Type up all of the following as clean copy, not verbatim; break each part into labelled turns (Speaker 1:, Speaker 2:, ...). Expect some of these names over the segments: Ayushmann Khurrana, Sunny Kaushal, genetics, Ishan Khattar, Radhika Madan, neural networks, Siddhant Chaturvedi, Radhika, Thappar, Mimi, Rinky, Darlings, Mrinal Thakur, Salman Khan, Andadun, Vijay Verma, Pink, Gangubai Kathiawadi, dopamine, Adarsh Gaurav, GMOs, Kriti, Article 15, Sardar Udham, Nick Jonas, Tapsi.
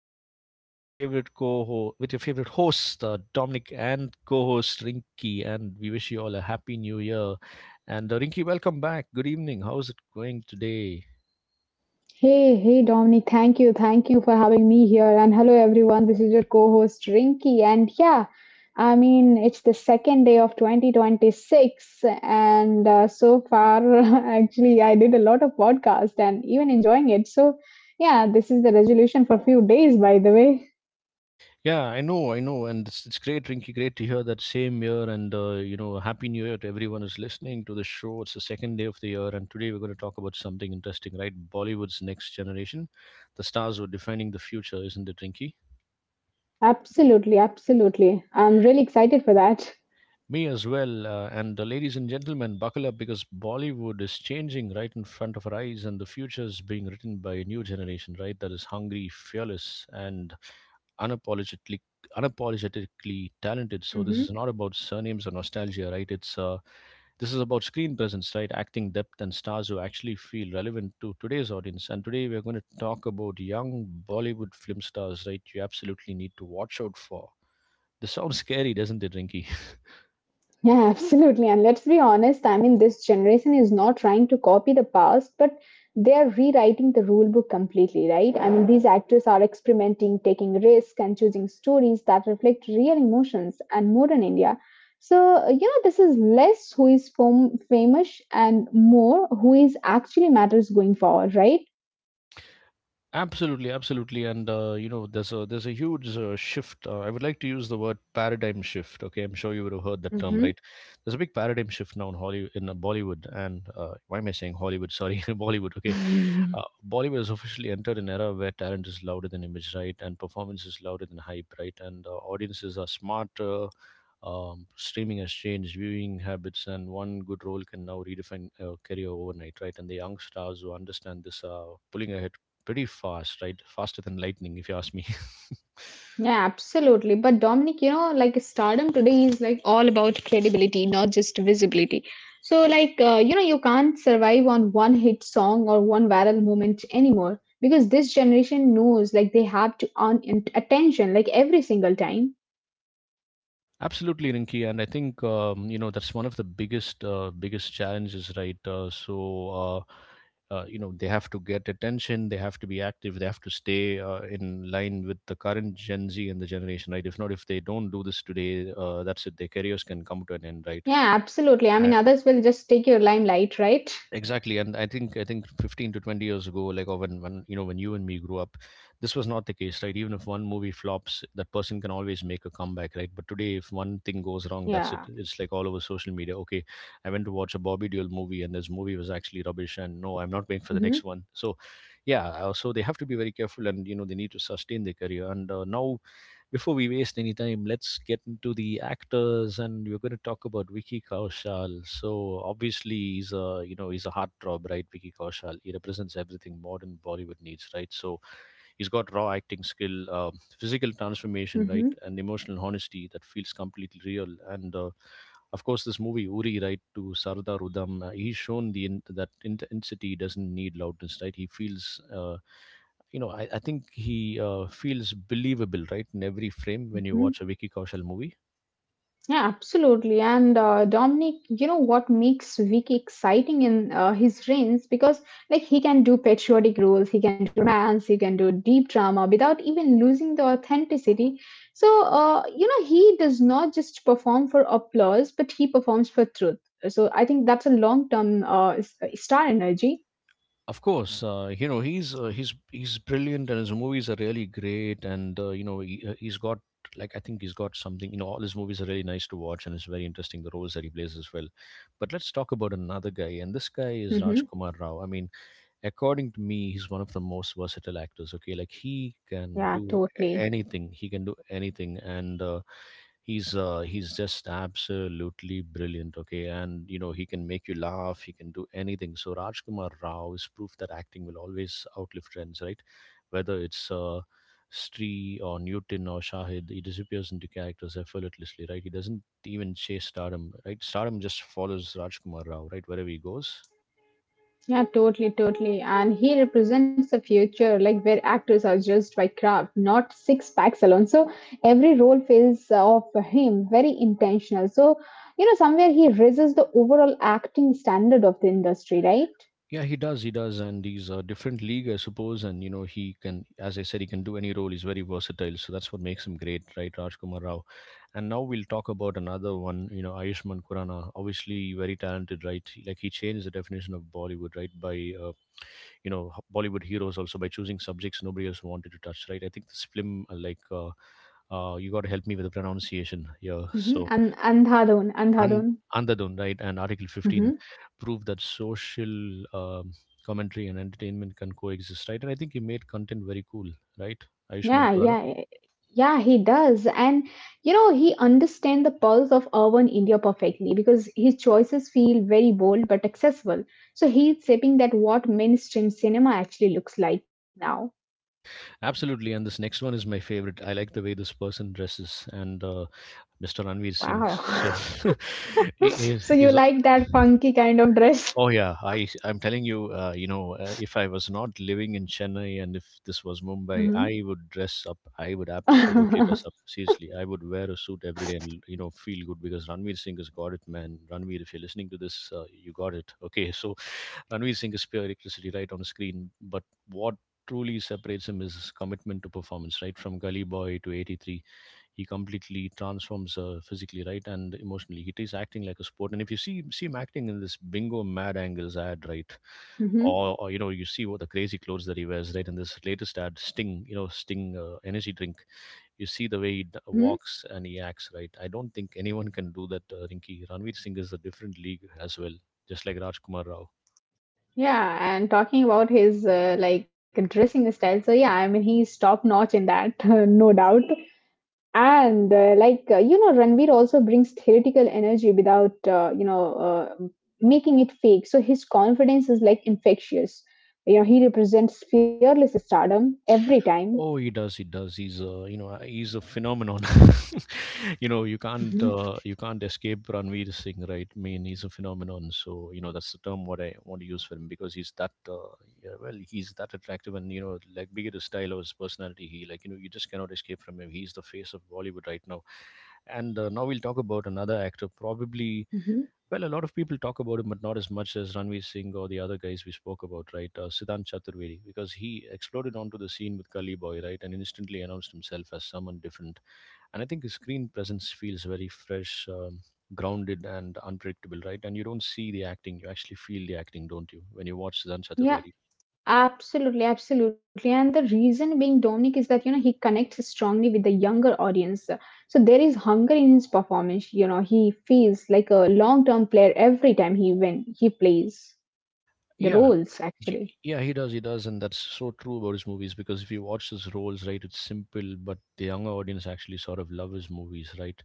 Speaker 1: show with your favorite host Dominic and co-host Rinky, and we wish you all a happy new year. And Rinky, welcome back. Good evening. How's it going today?
Speaker 2: Hey, hey, Dominic. Thank you. Thank you for having me here. And hello, everyone. This is your co-host Rinky. And it's the second day of 2026. And so far, actually, I did a lot of podcasts and even enjoying it. So yeah, this is the resolution for a few days, by the way.
Speaker 1: Yeah, I know, and it's great, Rinky. Great to hear that same year, and happy new year to everyone who's listening to the show. It's the second day of the year, and today we're going to talk about something interesting, right? Bollywood's next generation. The stars who are defining the future, isn't it, Rinky?
Speaker 2: Absolutely, absolutely. I'm really excited for that.
Speaker 1: Me as well. And the ladies and gentlemen, buckle up because Bollywood is changing right in front of our eyes, and the future is being written by a new generation, right? That is hungry, fearless, and unapologetically unapologetically talented. So this is not about surnames or nostalgia, right? it's This is about screen presence, right? Acting depth and stars who actually feel relevant to today's audience. And today we're going to talk about young Bollywood film stars, right? You absolutely need to watch out for. This sounds scary, doesn't it, Rinky?
Speaker 2: Yeah, absolutely. And let's be honest, this generation is not trying to copy the past, but they are rewriting the rule book completely, right? I mean, these actors are experimenting, taking risks, and choosing stories that reflect real emotions and modern India. So, you know, this is less who is famous and more who is actually matters going forward, right?
Speaker 1: Absolutely, absolutely, and you know, there's a huge shift. I would like to use the word paradigm shift. Okay, I'm sure you would have heard that term,
Speaker 2: Mm-hmm.
Speaker 1: right? There's a big paradigm shift now in Hollywood, in Bollywood, and why am I saying Hollywood? Sorry, Bollywood. Okay, uh, Bollywood has officially entered an era where talent is louder than image, right, and performance is louder than hype, right, and audiences are smarter. Streaming has changed viewing habits, and one good role can now redefine career overnight, right? And the young stars who understand this are pulling ahead pretty fast, right? Faster than lightning, if you ask me.
Speaker 2: Yeah, absolutely. But Dominic, you know, like stardom today is like all about credibility, not just visibility. So, you know, you can't survive on one hit song or one viral moment anymore because this generation knows like they have to earn attention like every single time.
Speaker 1: Absolutely, Rinki, and I think you know that's one of the biggest challenges, right? So uh, they have to get attention, they have to be active, they have to stay in line with the current Gen Z and the generation, right? If not, if they don't do this today, that's it. Their careers can come to an end, right?
Speaker 2: Yeah, absolutely. I mean, others will just take your limelight, right?
Speaker 1: Exactly. And I think 15 to 20 years ago, like, or when you and me grew up, this was not the case, right? Even if one movie flops, that person can always make a comeback, right? But today, if one thing goes wrong, that's
Speaker 2: Yeah.
Speaker 1: it. It's like all over social media. Okay, I went to watch a Bobby Deol movie, and this movie was actually rubbish, and no, I'm not waiting for the
Speaker 2: Mm-hmm.
Speaker 1: next one. So yeah. They have to be very careful, and they need to sustain their career, and now before we waste any time, let's get into the actors, and we're going to talk about Vicky Kaushal. So obviously, he's a heartthrob, right? Vicky Kaushal. He represents everything modern Bollywood needs, right? So he's got raw acting skill, physical transformation,
Speaker 2: Mm-hmm.
Speaker 1: right, and emotional honesty that feels completely real. And of course, this movie Uri, right, to Sardar Udham, he's shown that intensity doesn't need loudness, right? He feels. You know, I think he feels believable, right, in every frame when you
Speaker 2: Mm-hmm.
Speaker 1: watch a Vicky Kaushal movie.
Speaker 2: Yeah, absolutely. And Dominic, you know what makes Vic exciting in his reigns because like he can do patriotic roles, he can do romance, he can do deep drama without even losing the authenticity. So you know he does not just perform for applause, but he performs for truth. So I think that's a long term star energy.
Speaker 1: Of course, you know he's brilliant, and his movies are really great. And you know he's got, like, I think he's got something. You know, all his movies are really nice to watch, and it's very interesting the roles that he plays as well. But let's talk about another guy, and this guy is
Speaker 2: Hmm.
Speaker 1: Rajkumar Rao. I mean, according to me, he's one of the most versatile actors. Okay, like, he can
Speaker 2: Yeah,
Speaker 1: do
Speaker 2: totally.
Speaker 1: anything, he can do anything, and he's just absolutely brilliant. Okay, and you know he can make you laugh, he can do anything. So Rajkumar Rao is proof that acting will always outlive trends, right? Whether it's Stree or Newton or Shahid, he disappears into characters effortlessly, right? He doesn't even chase stardom, right? Stardom just follows Rajkumar Rao, right? Wherever he goes.
Speaker 2: Yeah, totally, totally. And he represents the future, like where actors are judged by craft, not six packs alone. So every role feels of him very intentional. So, you know, somewhere he raises the overall acting standard of the industry, right?
Speaker 1: Yeah, he does. He does, and he's a different league, I suppose. And you know, as I said, he can do any role. He's very versatile, so that's what makes him great, right, Rajkumar Rao? And now we'll talk about another one. You know, Ayushmann Khurrana, obviously very talented, right? Like, he changed the definition of Bollywood, right, by uh, Bollywood heroes, also by choosing subjects nobody else wanted to touch, right? I think this film, like, you got to help me with the pronunciation here.
Speaker 2: Mm-hmm.
Speaker 1: So,
Speaker 2: And Andhadon,
Speaker 1: and
Speaker 2: Andhadon.
Speaker 1: Andadun, right, and Article 15
Speaker 2: Mm-hmm.
Speaker 1: prove that social commentary and entertainment can coexist, right? And I think you made content very cool, right,
Speaker 2: Yeah,
Speaker 1: Ayushman Kurana?
Speaker 2: yeah, yeah, he does. And you know, he understands the pulse of urban India perfectly because his choices feel very bold but accessible. So he's shaping that what mainstream cinema actually looks like now.
Speaker 1: Absolutely. And this next one is my favorite. I like the way this person dresses and Mr. Ranveer Singh.
Speaker 2: Wow.
Speaker 1: So he
Speaker 2: So you
Speaker 1: is
Speaker 2: like that funky kind of dress?
Speaker 1: Oh yeah, I'm telling you, if I was not living in Chennai and if this was Mumbai,
Speaker 2: Hmm.
Speaker 1: I would dress up. I would absolutely dress
Speaker 2: Hmm.
Speaker 1: up. Seriously, I would wear a suit every day and feel good because Ranveer Singh has got it, man. Ranveer, if you're listening to this, you got it. Okay, so Ranveer Singh is pure electricity right on the screen, but what truly separates him is his commitment to performance, right from Gully Boy to '83, he completely transforms physically, right, and emotionally. He is acting like a sport. And if you see him acting in this bingo mad angles ad, right, or you know, you see what the crazy clothes that he wears, right, in this latest ad Sting, Sting, energy drink. You see the way he
Speaker 2: Hmm.
Speaker 1: walks and he acts, right? I don't think anyone can do that, Rinky. Ranveer Singh is a different league as well, just like Rajkumar Rao.
Speaker 2: Yeah, and talking about his like dressing style, so yeah, I mean he's top notch in that, no doubt. And like you know, Ranveer also brings theoretical energy without uh, making it fake. So his confidence is like infectious. You know, he represents fearless stardom every time.
Speaker 1: Oh, he does. He does. He's a phenomenon. you know you can't
Speaker 2: Hmm.
Speaker 1: uh, you can't escape Ranveer Singh, right? I mean, he's a phenomenon. So you know that's the term what I want to use for him because he's that yeah, well, he's that attractive, and you know, like, be it his style or his personality, he like, you just cannot escape from him. He's the face of Bollywood right now. And now we'll talk about another actor, probably,
Speaker 2: Hmm.
Speaker 1: well, a lot of people talk about him, but not as much as Ranveer Singh or the other guys we spoke about, right? Siddhant Chaturvedi, because he exploded onto the scene with Gully Boy, right, and instantly announced himself as someone different. And I think his screen presence feels very fresh, grounded, and unpredictable, right? And you don't see the acting; you actually feel the acting, don't you, when you watch Siddhant Chaturvedi?
Speaker 2: Yeah, absolutely, absolutely. And the reason being Dominic is that, you know, he connects strongly with the younger audience. So there is hunger in his performance. You know, he feels like a long-term player every time he when he plays the
Speaker 1: Yeah.
Speaker 2: roles, actually.
Speaker 1: Yeah, he does. He does, and that's so true about his movies. Because if you watch his roles, right, it's simple, but the younger audience actually sort of love his movies, right?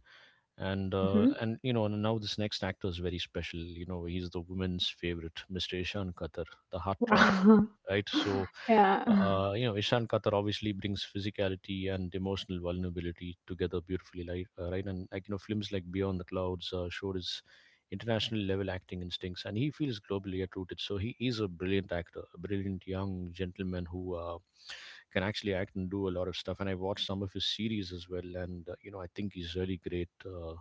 Speaker 1: And now this next actor is very special. He's the women's favorite, Mr. Ishan Qatar, the heartthrob,
Speaker 2: Wow.
Speaker 1: right? So,
Speaker 2: Yeah.
Speaker 1: Ishan Kathar obviously brings physicality and emotional vulnerability together beautifully, like, right? And, like, you know, films like Beyond the Clouds showed his international level acting instincts, and he feels globally at rooted. So he is a brilliant actor, a brilliant young gentleman who can actually act and do a lot of stuff. And I watched some of his series as well, and I think he's really great. Uh,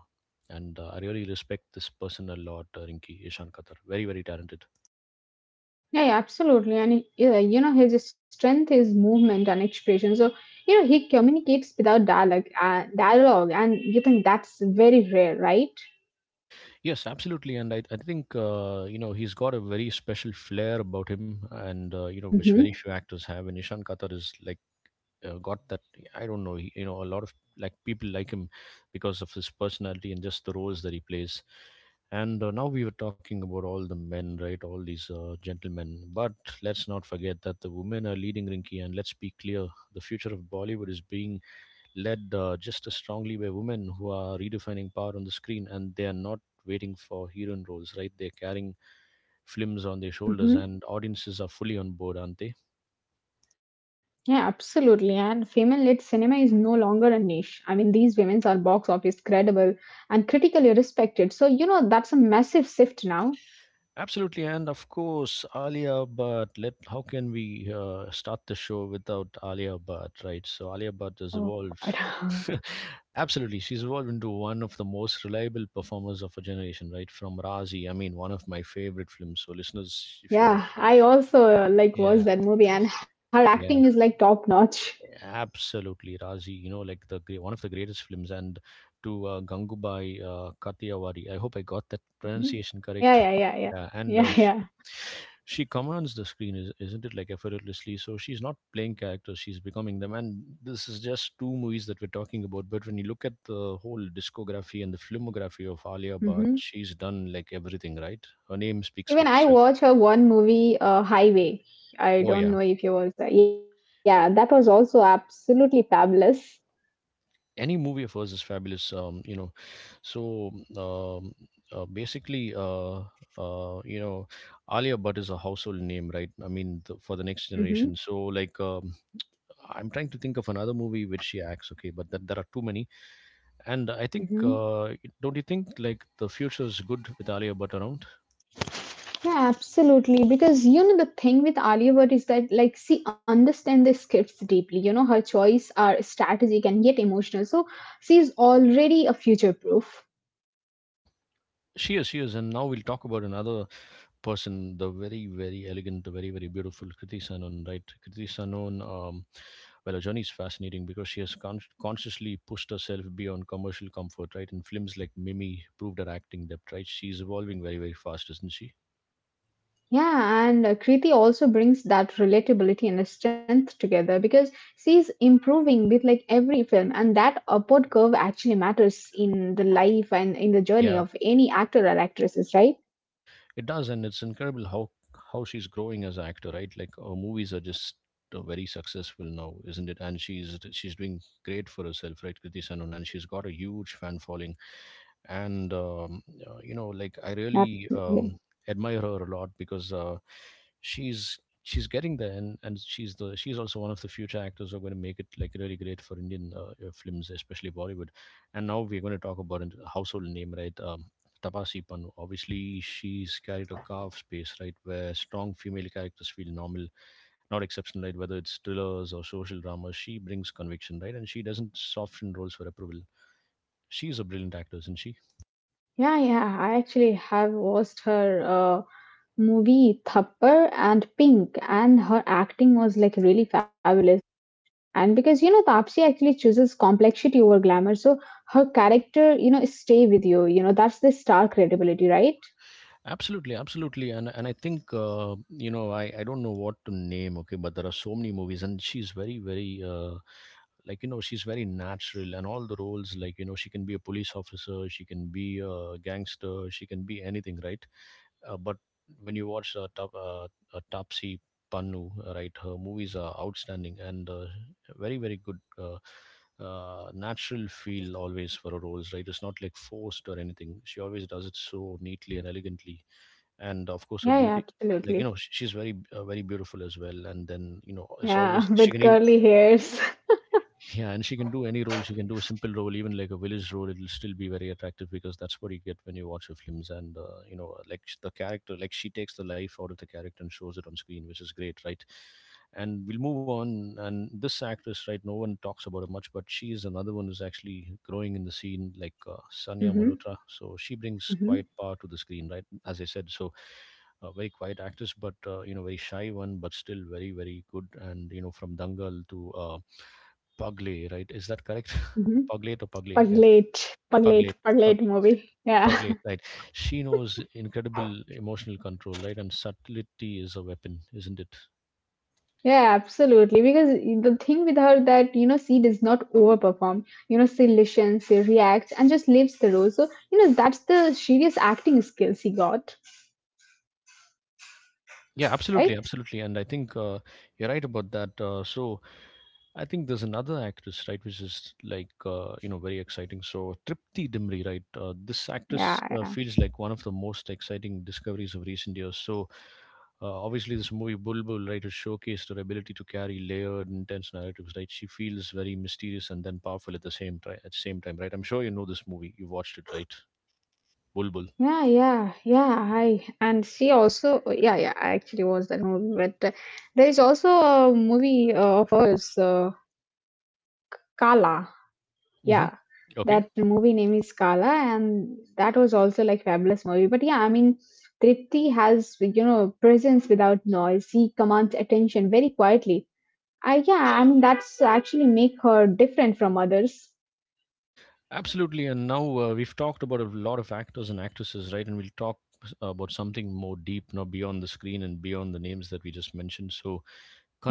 Speaker 1: and uh, I really respect this person a lot, Rinki Ishan Kathar. Very, very talented.
Speaker 2: Yeah, yeah, absolutely. And yeah, you know, his strength is movement and expression. So, you know, he communicates without dialogue, and you think that's very rare, right?
Speaker 1: Yes, absolutely, and I think he's got a very special flair about him, and which very few
Speaker 2: Mm-hmm.
Speaker 1: actors have. And Ishan Katar is, like, got that. I don't know. A lot of, like, people like him because of his personality and just the roles that he plays. And now we were talking about all the men, right? All these gentlemen, but let's not forget that the women are leading, Rinky, and let's be clear: the future of Bollywood is being led just as strongly by women who are redefining power on the screen, and they are not waiting for heroine roles, right? They're carrying films on their shoulders, and
Speaker 2: Mm-hmm.
Speaker 1: audiences are fully on board, aren't they?
Speaker 2: Yeah, absolutely. And female-led cinema is no longer a niche. I mean, these women are box office credible and critically respected. So, you know, that's a massive shift now.
Speaker 1: Absolutely. And of course Alia, but let how can we start the show without Alia Bhatt, right? So Alia Bhatt has
Speaker 2: Oh,
Speaker 1: evolved.
Speaker 2: God.
Speaker 1: Absolutely. She's evolved into one of the most reliable performers of a generation, right? From Razi, I mean, one of my favorite films. So, listeners, if
Speaker 2: Yeah,
Speaker 1: you're,
Speaker 2: I also like watched
Speaker 1: yeah,
Speaker 2: that movie, and her acting is
Speaker 1: yeah.
Speaker 2: like top notch.
Speaker 1: Absolutely, Razi. You know, like the gre- one of the greatest films, and to Gangubai Kathiawadi. I hope I got that
Speaker 2: Mhm.
Speaker 1: pronunciation
Speaker 2: Yeah,
Speaker 1: correct.
Speaker 2: yeah, yeah, yeah,
Speaker 1: Yeah, and
Speaker 2: yeah, yeah.
Speaker 1: she commands the screen, isn't it? Like effortlessly. So she's not playing characters; she's becoming them. And this is just two movies that we're talking about. But when you look at the whole discography and the filmography of Alia Bhatt,
Speaker 2: Hmm.
Speaker 1: she's done like everything, right? Her name speaks for
Speaker 2: Even I
Speaker 1: itself.
Speaker 2: watched her one movie, Highway. I
Speaker 1: Oh
Speaker 2: don't
Speaker 1: yeah.
Speaker 2: know if you was there. Yeah, that was also absolutely fabulous.
Speaker 1: Any movie of hers is fabulous. Um you know so um basically you know Alia Bhatt is a household name, right? I mean for the next
Speaker 2: Mm-hmm.
Speaker 1: generation. So like, I'm trying to think of another movie which she acts, okay, but there are too many. And I think,
Speaker 2: Mm-hmm.
Speaker 1: don't you think like the future is good with Alia Bhatt around?
Speaker 2: Yeah, absolutely. Because you know the thing with Alia Bhatt is that like she understands the scripts deeply. You know her choice are strategic and yet emotional. So she's already a future proof.
Speaker 1: She is, she is. And now we'll talk about another person, the very, very elegant, the very, very beautiful Kriti Sanon, right? Kriti Sanon, well, her journey is fascinating because she has consciously pushed herself beyond commercial comfort, right? And films like Mimi proved her acting depth, right? She's evolving very, very fast, isn't she?
Speaker 2: Yeah, and Kriti also brings that relatability and the strength together because she's improving with like every film, and that upward curve actually matters in the life and in the journey
Speaker 1: Yeah,
Speaker 2: of any actor or actresses, right?
Speaker 1: it does, and it's incredible how she's growing as an actor, right? Like her movies are just very successful now, isn't it? And she's doing great for herself, right, Kriti Sanon, and she's got a huge fan following. And you know, like I really
Speaker 2: Absolutely.
Speaker 1: admire her a lot because she's getting there. And she's also one of the future actors who are going to make it like really great for Indian films, especially Bollywood. And now we're going to talk about a household name, right? Tapasi Pannu, obviously. She's carried a carved space, right, where strong female characters feel normal, not exceptional, right? Whether it's thrillers or social dramas, she brings conviction, right? And she doesn't soften roles for approval. She's a brilliant actor, isn't she?
Speaker 2: Yeah, yeah. I actually have watched her movie Thappar and Pink, and her acting was like really fabulous. And because you know Tapsi actually chooses complexity over glamour, so her character you know stay with you. You know that's the star credibility, right?
Speaker 1: Absolutely, absolutely. And I think, you know, I don't know what to name, okay, but there are so many movies, and she's very, very, like, you know, she's very natural, and all the roles, like, you know, she can be a police officer, she can be a gangster, she can be anything, right? But when you watch Tapsi Pannu, right, her movies are outstanding and, very, very good. Natural feel always for her roles, right? It's not like forced or anything. She always does it so neatly and elegantly. And of course her
Speaker 2: Yeah, yeah,
Speaker 1: beauty, like, you
Speaker 2: absolutely.
Speaker 1: know, she's very, very beautiful as well. And then, you know, it's
Speaker 2: Yeah,
Speaker 1: always she
Speaker 2: with
Speaker 1: can even,
Speaker 2: curly hairs.
Speaker 1: yeah, and she can do any role. She can do a simple role, even like a village role. It'll still be very attractive because that's what you get when you watch her films. And you know, like, the character, like, she takes the life out of the character and shows it on screen, which is great, right? And we'll move on. And this actress, right? No one talks about her much, but she is another one who's actually growing in the scene, like, Sanya
Speaker 2: Mhm,
Speaker 1: Malhotra. So she brings
Speaker 2: mhm,
Speaker 1: quiet power to the screen, right? As I said. So a very quiet actress, but, you know, very shy one, but still very, very good. And you know, from Dangal to Pugly, right? Is that correct?
Speaker 2: mhm.
Speaker 1: Puglet or Pugly? Yeah,
Speaker 2: Paglate, paglate,
Speaker 1: Puglet. Pug,
Speaker 2: paglate movie. Yeah,
Speaker 1: Puglet, right? She knows incredible emotional control, right? And subtlety is a weapon, isn't it?
Speaker 2: yeah, absolutely. Because the thing with her that you know she does not overperform. You know she listens, she reacts, and just lives the role. So you know that's the serious acting skill she got,
Speaker 1: Yeah, absolutely,
Speaker 2: right?
Speaker 1: absolutely. And I think, you're right about that. So I think there's another actress, right, which is like, you know, very exciting. So Tripti Dimri, right, this actress
Speaker 2: Yeah,
Speaker 1: feels like one of the most exciting discoveries of recent years. So, obviously, this movie Bulbul, right, has showcased her ability to carry layered, intense narratives, right? She feels very mysterious and then powerful at the same time. At the same time, right? I'm sure you know this movie. You watched it, right? Bulbul.
Speaker 2: yeah, yeah, yeah. I And she also, yeah, yeah. I actually watched that movie, but there is also a movie of hers, Kala.
Speaker 1: Mm-hmm.
Speaker 2: Yeah,
Speaker 1: Okay.
Speaker 2: that movie name is Kala, and that was also like fabulous movie. But yeah, I mean, Tripti has you know presence without noise. She commands attention very quietly. I Yeah, I mean that's actually make her different from others.
Speaker 1: Absolutely. And now we've talked about a lot of actors and actresses, right? And we'll talk about something more deep, now beyond the screen and beyond the names that we just mentioned. So,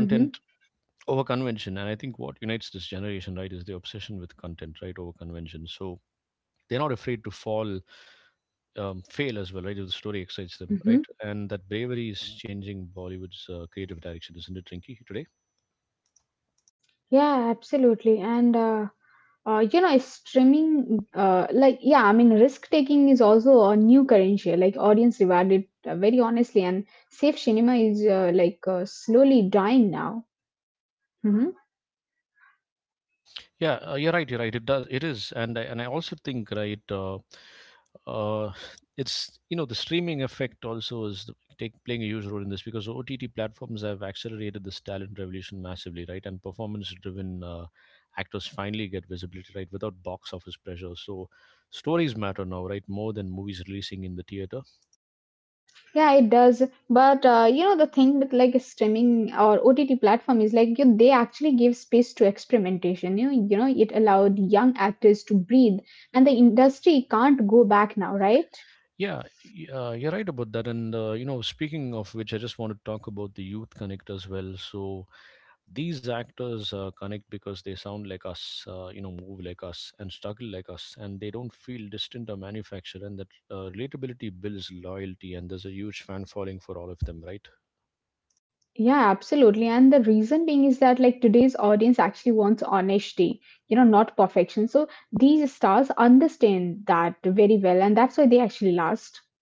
Speaker 2: Mm-hmm.
Speaker 1: over convention. And I think what unites this generation, right, is the obsession with content, right, over convention. So, they're not afraid to fall, fail as well, right, if the story excites them, right?
Speaker 2: Mm-hmm.
Speaker 1: And that bravery is changing Bollywood's creative direction, isn't it, Rinky, today?
Speaker 2: Yeah, absolutely, and you know streaming, like yeah I mean risk taking is also a new currency like audience rewarded very honestly and safe cinema is like slowly dying now. Hmm.
Speaker 1: Yeah, you're right. You're right. It does. It is, and I also think, right. Uh, it's, you know, the streaming effect also is the- take playing a huge role in this because OTT platforms have accelerated this talent revolution massively, right? And performance-driven actors finally get visibility, right, without box office pressure. So stories matter now, right, more than movies releasing in the theater.
Speaker 2: Yeah, it does. But you know the thing with like streaming or OTT platform is like they actually give space to experimentation. You know, you know it allowed young actors to breathe, and the industry can't go back now, right?
Speaker 1: Yeah, you're right about that. And you know, speaking of which, I just want to talk about the youth connect as well. So these actors connect because they sound like us, you know, move like us, and struggle like us, and they don't feel distant or manufactured. And that relatability builds loyalty, and there's a huge fan following for all of them, right?
Speaker 2: Yeah, absolutely. And the reason being is that like today's audience actually wants honesty, you know, not perfection. So these stars understand that very well, and that's why they actually last.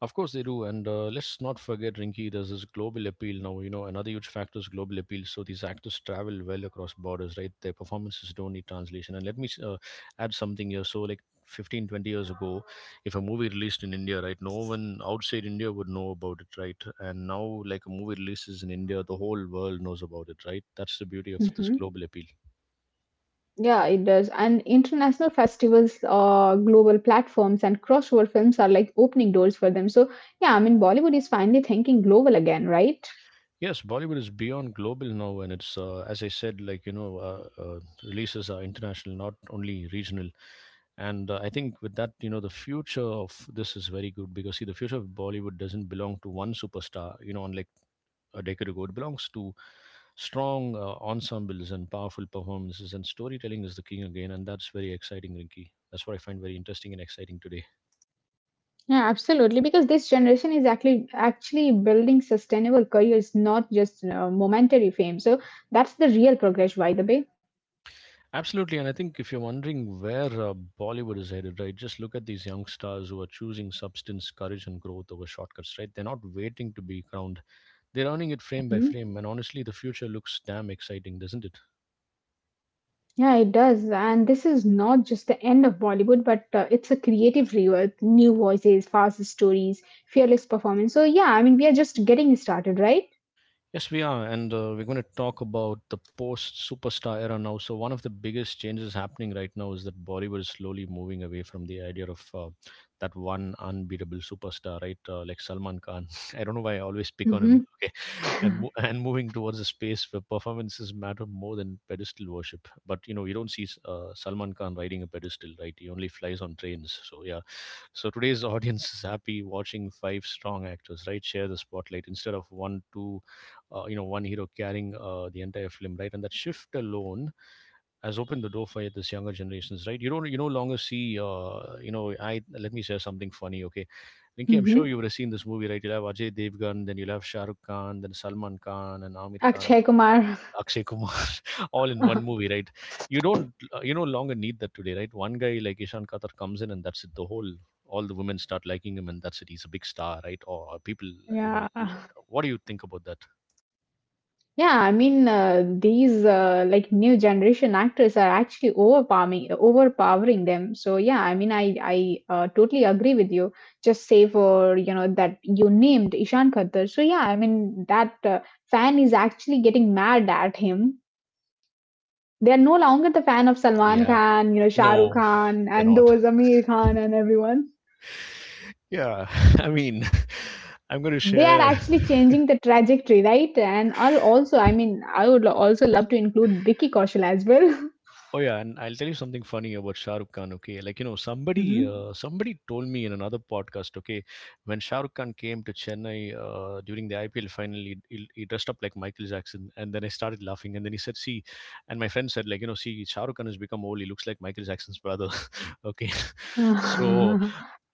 Speaker 1: Of course they do, and let's not forget, Rinky. There's this global appeal now. You know, another huge factor is global appeal. So these actors travel well across borders, right? Their performances don't need translation. And let me, add something here. So like 15, 20 years ago, if a movie released in India, right, no one outside India would know about it, right? And now, like a movie releases in India, the whole world knows about it, right? That's the beauty of this
Speaker 2: Hmm.
Speaker 1: global appeal.
Speaker 2: Yeah, it does. And international festivals, global platforms, and crossover films are like opening doors for them. So yeah, I mean, Bollywood is finally thinking global again, right?
Speaker 1: Yes, Bollywood is beyond global now, and it's, as I said, like, you know, releases are international, not only regional. And I think with that, you know, the future of this is very good because see, the future of Bollywood doesn't belong to one superstar. You know, unlike a decade ago, it belongs to strong ensembles and powerful performances, and storytelling is the king again, and that's very exciting, Rinky. That's what I find very interesting and exciting today.
Speaker 2: Yeah, absolutely. Because this generation is actually building sustainable careers, not just momentary fame. So that's the real progress, by the way.
Speaker 1: Absolutely, and I think if you're wondering where Bollywood is headed, right, just look at these young stars who are choosing substance, courage, and growth over shortcuts, right? They're not waiting to be crowned, they're earning it frame by
Speaker 2: Mhm.
Speaker 1: frame, and honestly, the future looks damn exciting, doesn't it?
Speaker 2: Yeah, it does. And this is not just the end of Bollywood, but it's a creative rebirth, new voices, fast stories, fearless performance. So, yeah, I mean, we are just getting started, right?
Speaker 1: Yes, we are, and we're going to talk about the post superstar era now. So, one of the biggest changes happening right now is that Bollywood is slowly moving away from the idea of that one unbeatable superstar, right? Like Salman Khan. I don't know why I always pick on him.
Speaker 2: Mm-hmm.
Speaker 1: Okay, and moving towards a space where performances matter more than pedestal worship. But you know, you don't see Salman Khan riding a pedestal, right? He only flies on trains. So yeah, so today's audience is happy watching five strong actors, right, share the spotlight instead of one, two you know, one hero carrying the entire film, right? And that shift alone has opened the door for this younger generations, right? You don't, you no longer see, you know, I let me share something funny, okay? Linky, I'm
Speaker 2: Mm-hmm.
Speaker 1: sure you would have seen this movie, right? You'll have Ajay Devgan, then you'll have Shah Rukh Khan, then Salman Khan, and Amir Khan,
Speaker 2: Akshay Kumar.
Speaker 1: Akshay Kumar, all in one movie, right? You no longer need that today, right? One guy like Ishan Khatar comes in, and that's it. All the women start liking him, and that's it. He's a big star, right? Or people, you know,
Speaker 2: Yeah.
Speaker 1: l- what do you think about that?
Speaker 2: Yeah, I mean these like new generation actors are actually overpowering them. So yeah, I mean I totally agree with you. Just say for you know that you named Ishan Khattar. So yeah, I mean that fan is actually getting mad at him. They are no longer the fan of Salman
Speaker 1: Yeah.
Speaker 2: Khan, you know Shah Rukh
Speaker 1: No,
Speaker 2: Khan, and
Speaker 1: cannot.
Speaker 2: those Amir Khan and everyone.
Speaker 1: Yeah, I mean, I'm going to
Speaker 2: They are
Speaker 1: share.
Speaker 2: actually changing the trajectory, right? And I'll also, I mean, I would also love to include Vicky Kaushal as well.
Speaker 1: Oh yeah, and I'll tell you something funny about Shah Rukh Khan. Okay, like, you know, somebody
Speaker 2: Mhm.
Speaker 1: somebody told me in another podcast. Okay, when Shah Rukh Khan came to Chennai, during the IPL final, he dressed up like Michael Jackson, and then I started laughing. And then he said, "See," and my friend said, "Like you know, see, Shah Rukh Khan has become old. He looks like Michael Jackson's brother." Okay, so
Speaker 2: Wow.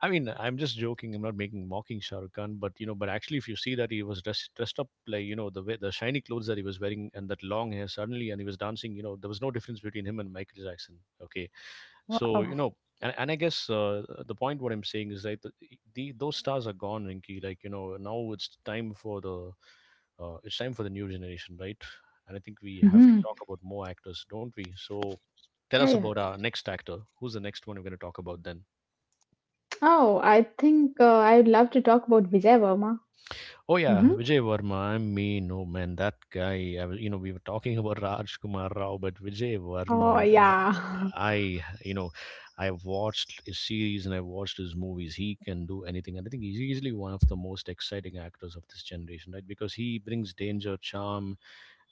Speaker 1: I mean, I'm just joking. I'm not making mocking Shah Rukh Khan, but you know, but actually, if you see that he was dressed up like you know the way, the shiny clothes that he was wearing and that long hair suddenly, and he was dancing. You know, there was no difference between him and Michael Jackson. Okay, so you know, and I guess, the point what I'm saying is like the those stars are gone, Rinky. Like you know, now it's time for the it's time for the new generation, right? And I think we have to
Speaker 2: Hmm.
Speaker 1: talk about more actors, don't we? So tell
Speaker 2: Yeah,
Speaker 1: us
Speaker 2: yeah.
Speaker 1: about our next actor. Who's the next one we're going to talk about then?
Speaker 2: Oh, I think I'd love to talk about Vijay Verma.
Speaker 1: Oh yeah,
Speaker 2: Hmm.
Speaker 1: Vijay Verma. I mean, no man, that guy. You know, we were talking about Raj Kumar Rao, but Vijay
Speaker 2: Oh,
Speaker 1: Verma.
Speaker 2: yeah.
Speaker 1: You know, I watched his series and I watched his movies. He can do anything, and I think he's easily one of the most exciting actors of this generation, right? Because he brings danger, charm,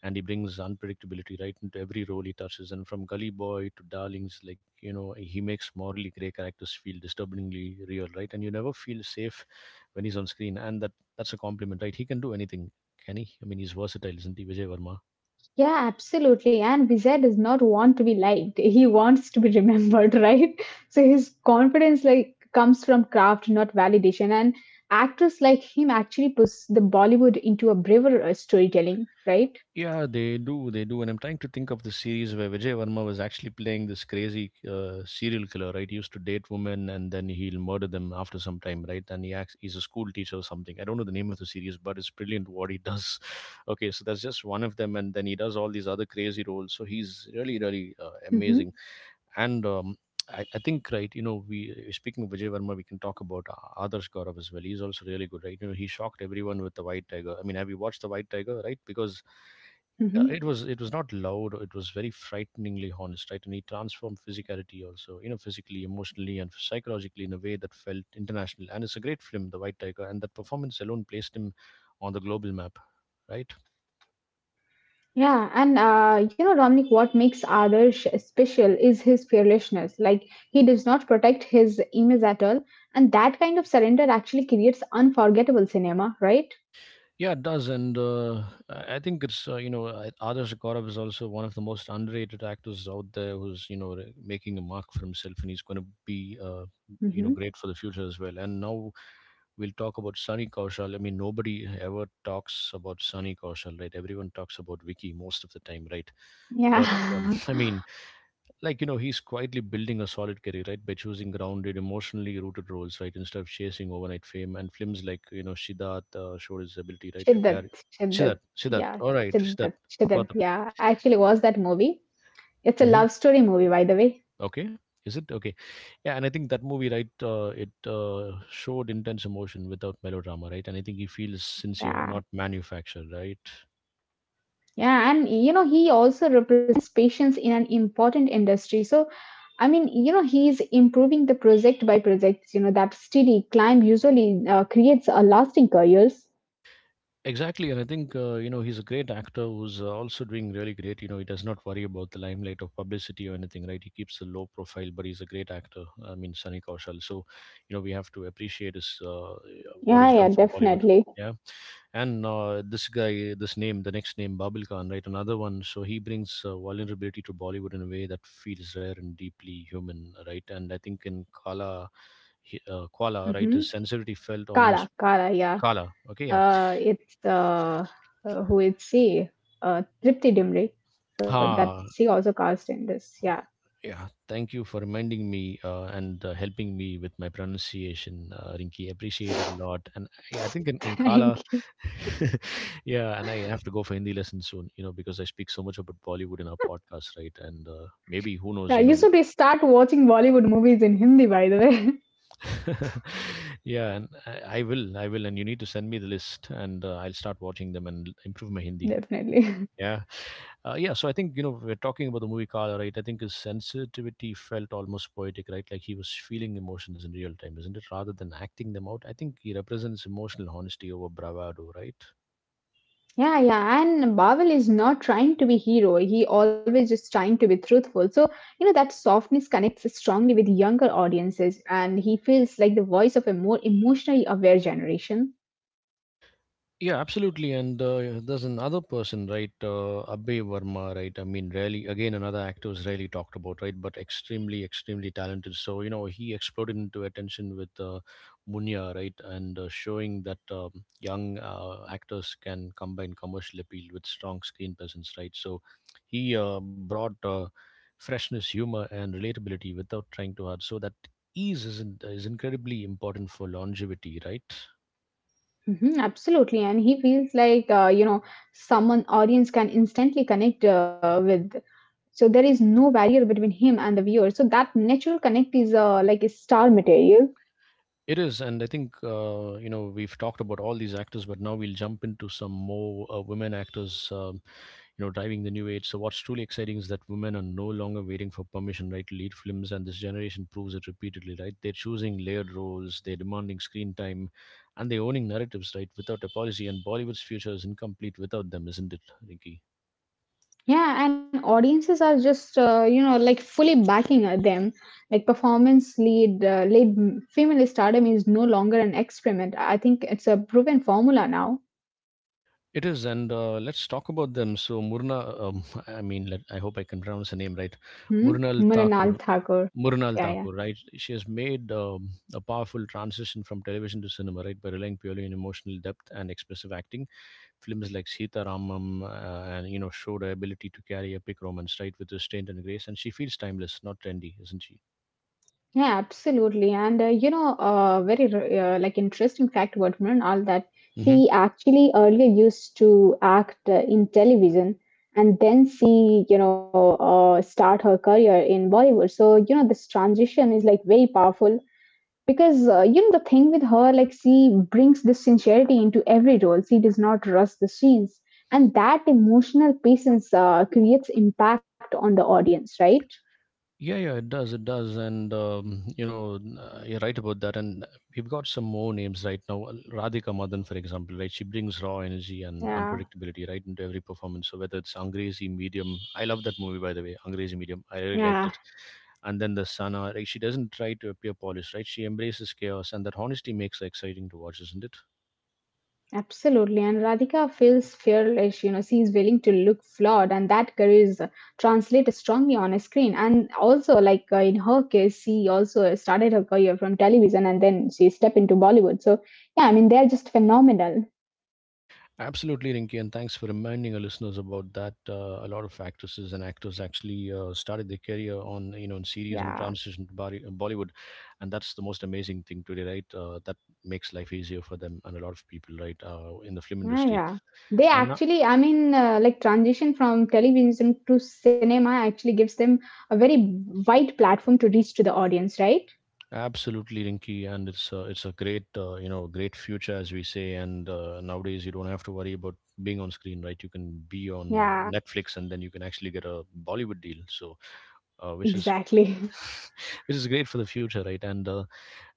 Speaker 1: and he brings unpredictability right into every role he touches. And from Gully Boy to Darlings, like you know, he makes morally grey characters feel disturbingly real, right? And you never feel safe when he's on screen, and that's a compliment, right? He can do anything, can he? I mean, he's versatile, isn't he, Vijay Verma?
Speaker 2: Yeah, absolutely. And Vijay does not want to be liked. He wants to be remembered, right? So his confidence like comes from craft, not validation. And actors like him actually push the Bollywood into a braver storytelling, right?
Speaker 1: Yeah, they do. They do. And I'm trying to think of the series where Vijay Varma was actually playing this crazy, serial killer, right? He used to date women and then he'll murder them after some time, right? And he acts, he's a school teacher or something. I don't know the name of the series, but it's brilliant what he does. Okay, so that's just one of them. And then he does all these other crazy roles. So he's really, really, amazing. And I think, right, you know, we, speaking of Vijay Varma, we can talk about Adarsh Gaurav as well. He's also really good, right? You know, he shocked everyone with the White Tiger. I mean, have you watched the White Tiger, right? Because
Speaker 2: Mm-hmm.
Speaker 1: it was not loud. It was very frighteningly honest, right? And he transformed physicality also, you know, physically, emotionally, and psychologically in a way that felt international. And it's a great film, The White Tiger, and that performance alone placed him on the global map, right?
Speaker 2: Yeah, and you know, Dominic, what makes Adarsh special is his fearlessness. Like, he does not protect his image at all. And that kind of surrender actually creates unforgettable cinema, right?
Speaker 1: Yeah, it does, and I think it's, Adarsh Gaurav is also one of the most underrated actors out there, who's you know making a mark for himself, and he's going to be, you know,
Speaker 2: Mm-hmm.
Speaker 1: great for the future as well. And now we'll talk about Sunny Kaushal. I mean, nobody ever talks about Sunny Kaushal, right? Everyone talks about Vicky most of the time, right? But
Speaker 2: Yeah.
Speaker 1: I mean, like you know he's quietly building a solid career, right, by choosing grounded emotionally rooted roles, right, instead of chasing overnight fame, and films like you know Siddharth, showed his ability right to
Speaker 2: Shiddat,
Speaker 1: carry siddharth
Speaker 2: Shiddat.
Speaker 1: siddharth
Speaker 2: Yeah,
Speaker 1: all right, Siddharth
Speaker 2: Shiddat,
Speaker 1: got
Speaker 2: Shiddat.
Speaker 1: up.
Speaker 2: Yeah, I actually watched that movie. It's a
Speaker 1: Hmm.
Speaker 2: love story movie, by the way.
Speaker 1: Okay. Is it? Okay, yeah, and I think that movie, right, it showed intense emotion without melodrama, right, and I think he feels sincere,
Speaker 2: Yeah.
Speaker 1: not manufactured, right?
Speaker 2: Yeah, and you know, he also represents patience in an important industry. So, I mean, you know, he's improving the project by projects. You know, that steady climb usually creates a lasting careers.
Speaker 1: Exactly, and I think, you know, he's a great actor who's, also doing really great. You know, he does not worry about the limelight or publicity or anything, right? He keeps a low profile, but he's a great actor. I mean, Sunny Kaushal. So, you know, we have to appreciate his, what he's
Speaker 2: Yeah,
Speaker 1: done
Speaker 2: yeah,
Speaker 1: for Bollywood.
Speaker 2: definitely.
Speaker 1: Yeah, and this guy, this name, the next name, Babil Khan, right? Another one. So he brings, vulnerability to Bollywood in a way that feels rare and deeply human, right? And I think in Kala, Kuala, right,
Speaker 2: Mm-hmm.
Speaker 1: his sensitivity felt almost
Speaker 2: Kala, Kala, yeah.
Speaker 1: Kala. Okay, yeah.
Speaker 2: Uh, it's uh, it's Tripti Dimri. So that
Speaker 1: Ha,
Speaker 2: she also cast in this. Yeah,
Speaker 1: yeah, thank you for reminding me, and helping me with my pronunciation, Rinki. Appreciate it a lot. And yeah, I think in Kala,
Speaker 2: thank you.
Speaker 1: yeah, and I have to go for Hindi lessons soon, you know, because I speak so much about Bollywood in our podcast, right? And maybe, who
Speaker 2: Yeah,
Speaker 1: knows, you
Speaker 2: you
Speaker 1: know.
Speaker 2: should start watching Bollywood movies in Hindi, by the way.
Speaker 1: Yeah, and I will, I will. And you need to send me the list, and I'll start watching them and improve my Hindi.
Speaker 2: Definitely.
Speaker 1: Yeah. Yeah. So I think, you know, we're talking about the movie Kala, right? I think his sensitivity felt almost poetic, right? Like he was feeling emotions in real time, isn't it? Rather than acting them out. I think he represents emotional honesty over bravado, right?
Speaker 2: Yeah, yeah, and Bawal is not trying to be hero. He always just trying to be truthful. So you know that softness connects strongly with younger audiences, and he feels like the voice of a more emotionally aware generation.
Speaker 1: Yeah, absolutely. And there's another person, right? Abhay Verma, right? I mean, rarely, again, another actor is rarely talked about, right? But extremely, extremely talented. So, you know, he exploded into attention with, Munya, right? And showing that young actors can combine commercial appeal with strong screen presence, right? So he, brought freshness, humor, and relatability without trying too hard. So that ease is incredibly important for longevity, right?
Speaker 2: Hmm. Absolutely, and he feels like you know someone audience can instantly connect with. So there is no barrier between him and the viewer. So that natural connect is like a star material.
Speaker 1: It is, and I think, you know, we've talked about all these actors, but now we'll jump into some more, women actors, you know, driving the new age. So what's truly exciting is that women are no longer waiting for permission, right, to lead films, and this generation proves it repeatedly, right? They're choosing layered roles, they're demanding screen time, and they're owning narratives, right, without apology. And Bollywood's future is incomplete without them, isn't it, Rinky?
Speaker 2: Yeah, and audiences are just you know like fully backing them. Like performance lead female stardom is no longer an experiment. I think it's a proven formula now.
Speaker 1: It is, and let's talk about them. So Murna, I mean, I hope I can pronounce her name right,
Speaker 2: Hmm?
Speaker 1: Murnal
Speaker 2: Mrinal
Speaker 1: Thakur.
Speaker 2: Thakur.
Speaker 1: Murnal
Speaker 2: Yeah, yeah,
Speaker 1: Thakur, right? She has made, a powerful transition from television to cinema, right, by relying purely on emotional depth and expressive acting. Films like Sita Ramam, and you know, showed her ability to carry epic romance, right, with restraint and grace. And she feels timeless, not trendy, isn't she?
Speaker 2: yeah, absolutely. And like interesting fact about Mrinal that
Speaker 1: Mhm.
Speaker 2: she actually earlier used to act in television. And then she, you know, start her career in Bollywood. So, you know, this transition is like very powerful because you know the thing with her like she brings this sincerity into every role. She does not rush the scenes, and that emotional patience creates impact on the audience, right?
Speaker 1: Yeah, yeah, it does. It does. And, you're right about that. And we've got some more names right now. Well, Radhika Madan, for example, right? She brings raw energy and
Speaker 2: Yeah.
Speaker 1: unpredictability right into every performance. So whether it's Angrezi Medium, I love that movie, by the way, Angrezi Medium. I really liked
Speaker 2: Yeah,
Speaker 1: it. And then the Sana, like, she doesn't try to appear polished, right? She embraces chaos. And that honesty makes her exciting to watch, isn't it?
Speaker 2: absolutely, and Radhika feels fearless. You know she is willing to look flawed, and that courage translates strongly on a screen. And also like in her case she also started her career from television and then she stepped into Bollywood. So yeah, I mean, they're just phenomenal.
Speaker 1: Absolutely, Rinky, and thanks for reminding our listeners about that. A lot of actresses and actors actually, started their career on you know in series and
Speaker 2: Yeah.
Speaker 1: transition to Bollywood, and that's the most amazing thing today, right? That makes life easier for them and a lot of people, right, in the film
Speaker 2: Yeah,
Speaker 1: industry.
Speaker 2: yeah. They
Speaker 1: And
Speaker 2: actually, I mean, like transition from television to cinema actually gives them a very wide platform to reach to the audience, right?
Speaker 1: absolutely, Rinky, and it's, it's a great, you know, great future as we say. And nowadays you don't have to worry about being on screen, right? You can be on
Speaker 2: Yeah,
Speaker 1: Netflix, and then you can actually get a Bollywood deal. So which is
Speaker 2: exactly.
Speaker 1: which is great for the future, right? And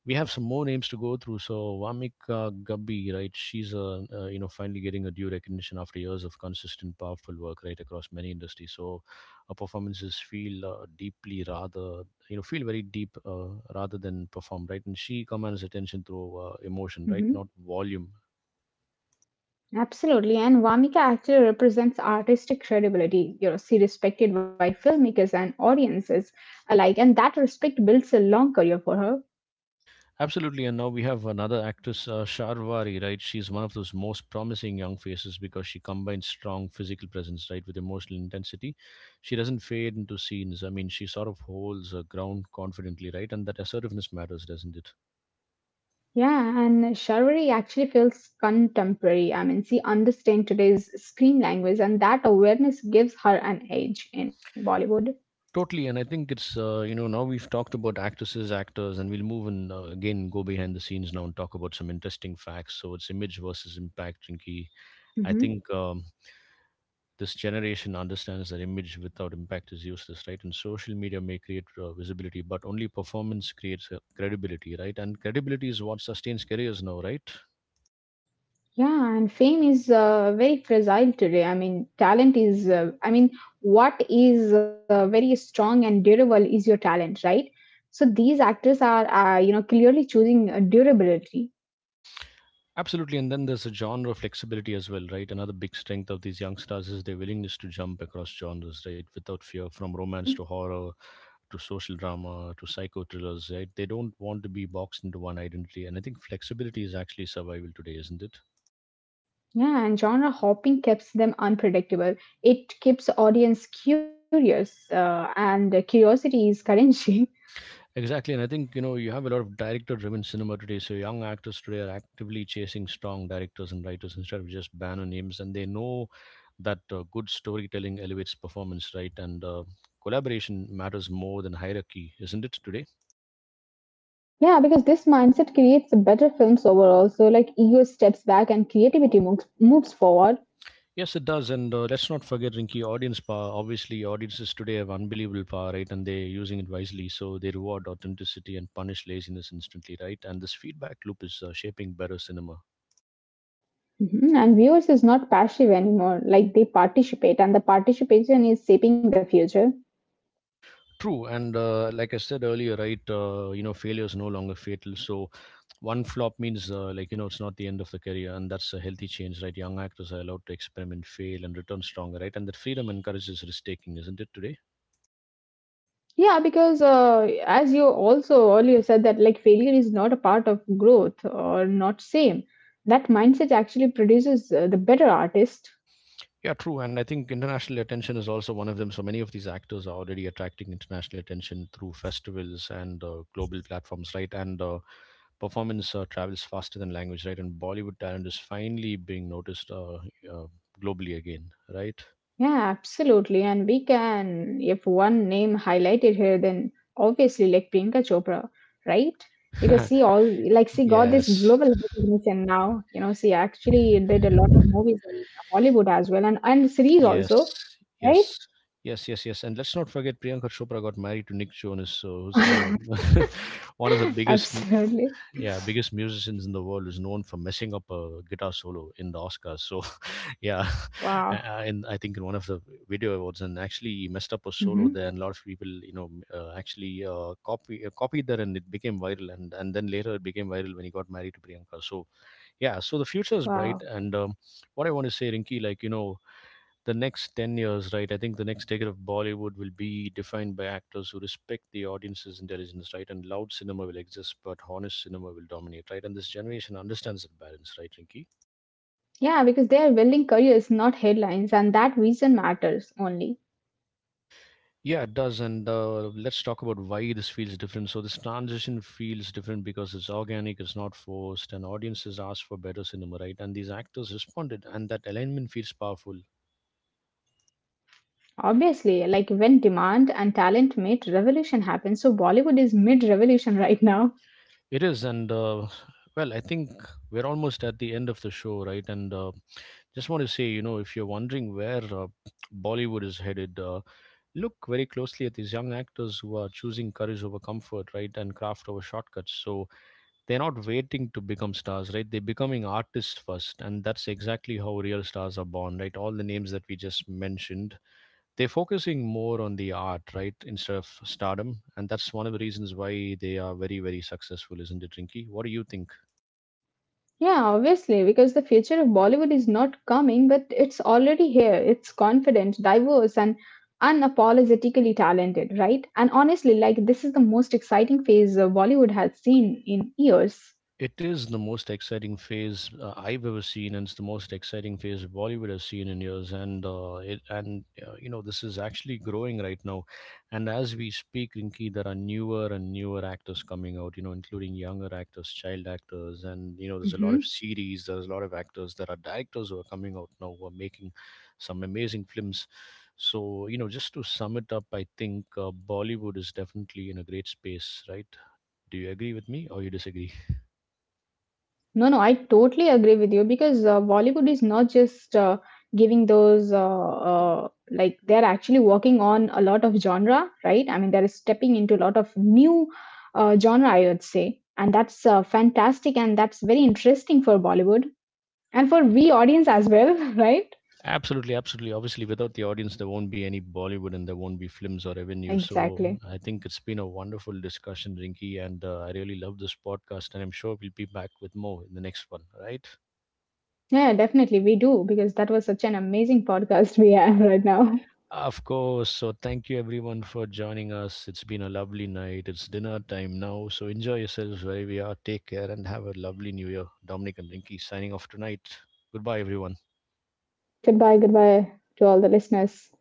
Speaker 1: we have some more names to go through. So Vamika Gubbi, right? She's, you know, finally getting a due recognition after years of consistent, powerful work, right, across many industries. So her performances feel, deeply rather you know, feel very deep, rather than perform, right? And she commands attention through, emotion, right,
Speaker 2: Hmm.
Speaker 1: not volume.
Speaker 2: Absolutely. And Vamika actually represents artistic credibility. You know, she respected by filmmakers and audiences alike, and that respect builds a long career for her.
Speaker 1: Absolutely, and now we have another actress, Sharvari, right? She's one of those most promising young faces because she combines strong physical presence, right, with emotional intensity. She doesn't fade into scenes. I mean, she sort of holds her ground confidently, right? And that assertiveness matters, doesn't it?
Speaker 2: Yeah, and chivalry actually feels contemporary. I mean, she understands today's screen language, and that awareness gives her an edge in Bollywood.
Speaker 1: Totally, and I think it's, you know, now we've talked about actresses, actors, and we'll move, and again go behind the scenes now and talk about some interesting facts. So it's image versus impact, Jinky. I
Speaker 2: Hmm.
Speaker 1: think this generation understands that image without impact is useless, right? And social media may create, visibility, but only performance creates, credibility, right? And credibility is what sustains careers now, right?
Speaker 2: Yeah, and fame is very fragile today. I mean, talent is, I mean, what is very strong and durable right? So these actors are, you know, clearly choosing durability.
Speaker 1: Absolutely. And then there's a genre flexibility as well, right? Another big strength of these young stars is their willingness to jump across genres, right? Without fear, from romance to
Speaker 2: Mhm.
Speaker 1: horror to social drama to psycho thrillers, right? They don't want to be boxed into one identity. And I think flexibility is actually survival today, isn't it?
Speaker 2: Yeah, and genre hopping keeps them unpredictable. It keeps audience curious, and curiosity is currency.
Speaker 1: Exactly, and I think you have a lot of director-driven cinema today. So young actors today are actively chasing strong directors and writers instead of just banner names, and they know that good storytelling elevates performance, right? And Collaboration matters more than hierarchy, isn't it today?
Speaker 2: Yeah, because this mindset creates better films overall. So, like, ego steps back and creativity moves forward.
Speaker 1: Yes, it does. And let's not forget, Rinky, audience power. Obviously, audiences today have unbelievable power, right? And they're using it wisely. So they reward authenticity and punish laziness instantly, right? And this feedback loop is shaping better cinema.
Speaker 2: Mhm. And viewers is not passive anymore. Like, they participate, and the participation is shaping the future.
Speaker 1: True, and like I said earlier, right? Failure is no longer fatal. So, one flop means it's not the end of the career, and that's a healthy change, right? Young actors are allowed to experiment, fail, and return stronger, right? And that freedom encourages risk taking, isn't it today?
Speaker 2: Yeah, because as you also earlier said that like failure is not a part of growth or not same. That mindset actually produces the better artist.
Speaker 1: Yeah, true. And I think international attention is also one of them. So many of these actors are already attracting international attention through festivals and global platforms, right? And Performance travels faster than language, right? And Bollywood talent is finally being noticed uh, globally again, right?
Speaker 2: Yeah, absolutely. And we can, if one name highlighted here, then obviously like Priyanka Chopra, right? Because she all like she got this
Speaker 1: Yes.
Speaker 2: global recognition now. You know, she actually did a lot of movies in Hollywood as well, and series
Speaker 1: Yes.
Speaker 2: also, right?
Speaker 1: Yes. Yes, yes, yes. And let's not forget Priyanka Chopra got married to Nick Jonas, so who's, one of the biggest,
Speaker 2: Absolutely.
Speaker 1: yeah, biggest musicians in the world, is known for messing up a guitar solo in the Oscars. So, yeah,
Speaker 2: Wow.
Speaker 1: I think in one of the video awards, and actually he messed up a solo
Speaker 2: Hmm.
Speaker 1: there, and a lot of people, you know, actually copied that, and it became viral. And then later it became viral when he got married to Priyanka. So, yeah, so the future is bright,
Speaker 2: Wow.
Speaker 1: and what I want to say, Rinky, the next 10 years, right? I think the next decade of Bollywood will be defined by actors who respect the audience's intelligence, right? And loud cinema will exist, but honest cinema will dominate, right? And this generation understands that balance, right, Rinky?
Speaker 2: Yeah, because they are building careers, not headlines, and that vision matters only.
Speaker 1: Yeah, it does. And let's talk about why this feels different. So this transition feels different because it's organic, it's not forced, and audiences ask for better cinema, right? And these actors responded, and that alignment feels powerful.
Speaker 2: Obviously, like when demand and talent meet, revolution happens. So Bollywood is mid revolution right now.
Speaker 1: It is, I think we're almost at the end of the show, right? And Just want to say, you know, if you're wondering where Bollywood is headed, look very closely at these young actors who are choosing courage over comfort, right, and craft over shortcuts. So they're not waiting to become stars, right? They're becoming artists first, and that's exactly how real stars are born, right? All the names that we just mentioned, they're focusing more on the art, right, instead of stardom, and that's one of the reasons why they are very, very successful, isn't it, Rinky? What do you think?
Speaker 2: Yeah, obviously, because the future of Bollywood is not coming, but it's already here. It's confident, diverse, and unapologetically talented, right? And honestly, like this is the most exciting phase Bollywood has seen in years.
Speaker 1: It is the most exciting phase I've ever seen, and it's the most exciting phase Bollywood has seen in years. And it and you know this is actually growing right now. And as we speak, Rinki, there are newer and newer actors coming out. You know, including younger actors, child actors, and you know there's a lot of
Speaker 2: Mhm.
Speaker 1: series. There's a lot of actors. There are directors who are coming out now who are making some amazing films. So you know, just to sum it up, I think Bollywood is definitely in a great space, right? Do you agree with me or you disagree?
Speaker 2: No, no, I totally agree with you because Bollywood is not just giving those like they're actually working on a lot of genre, right? I mean, they're stepping into a lot of new genre, I would say, and that's fantastic and that's very interesting for Bollywood and for we audience as well, right?
Speaker 1: Absolutely, absolutely. Obviously, without the audience, there won't be any Bollywood and there won't be films or revenue. So
Speaker 2: Exactly.
Speaker 1: I think it's been a wonderful discussion, Rinky, and I really love this podcast. And I'm sure we'll be back with more in the next one, right?
Speaker 2: Yeah, definitely we do because that was such an amazing podcast we have right now.
Speaker 1: Of course. So thank you, everyone, for joining us. It's been a lovely night. It's dinner time now. So enjoy yourselves wherever you are. Take care and have a lovely new year. Dominic and Rinky signing off tonight. Goodbye, everyone.
Speaker 2: Goodbye, goodbye to all the listeners.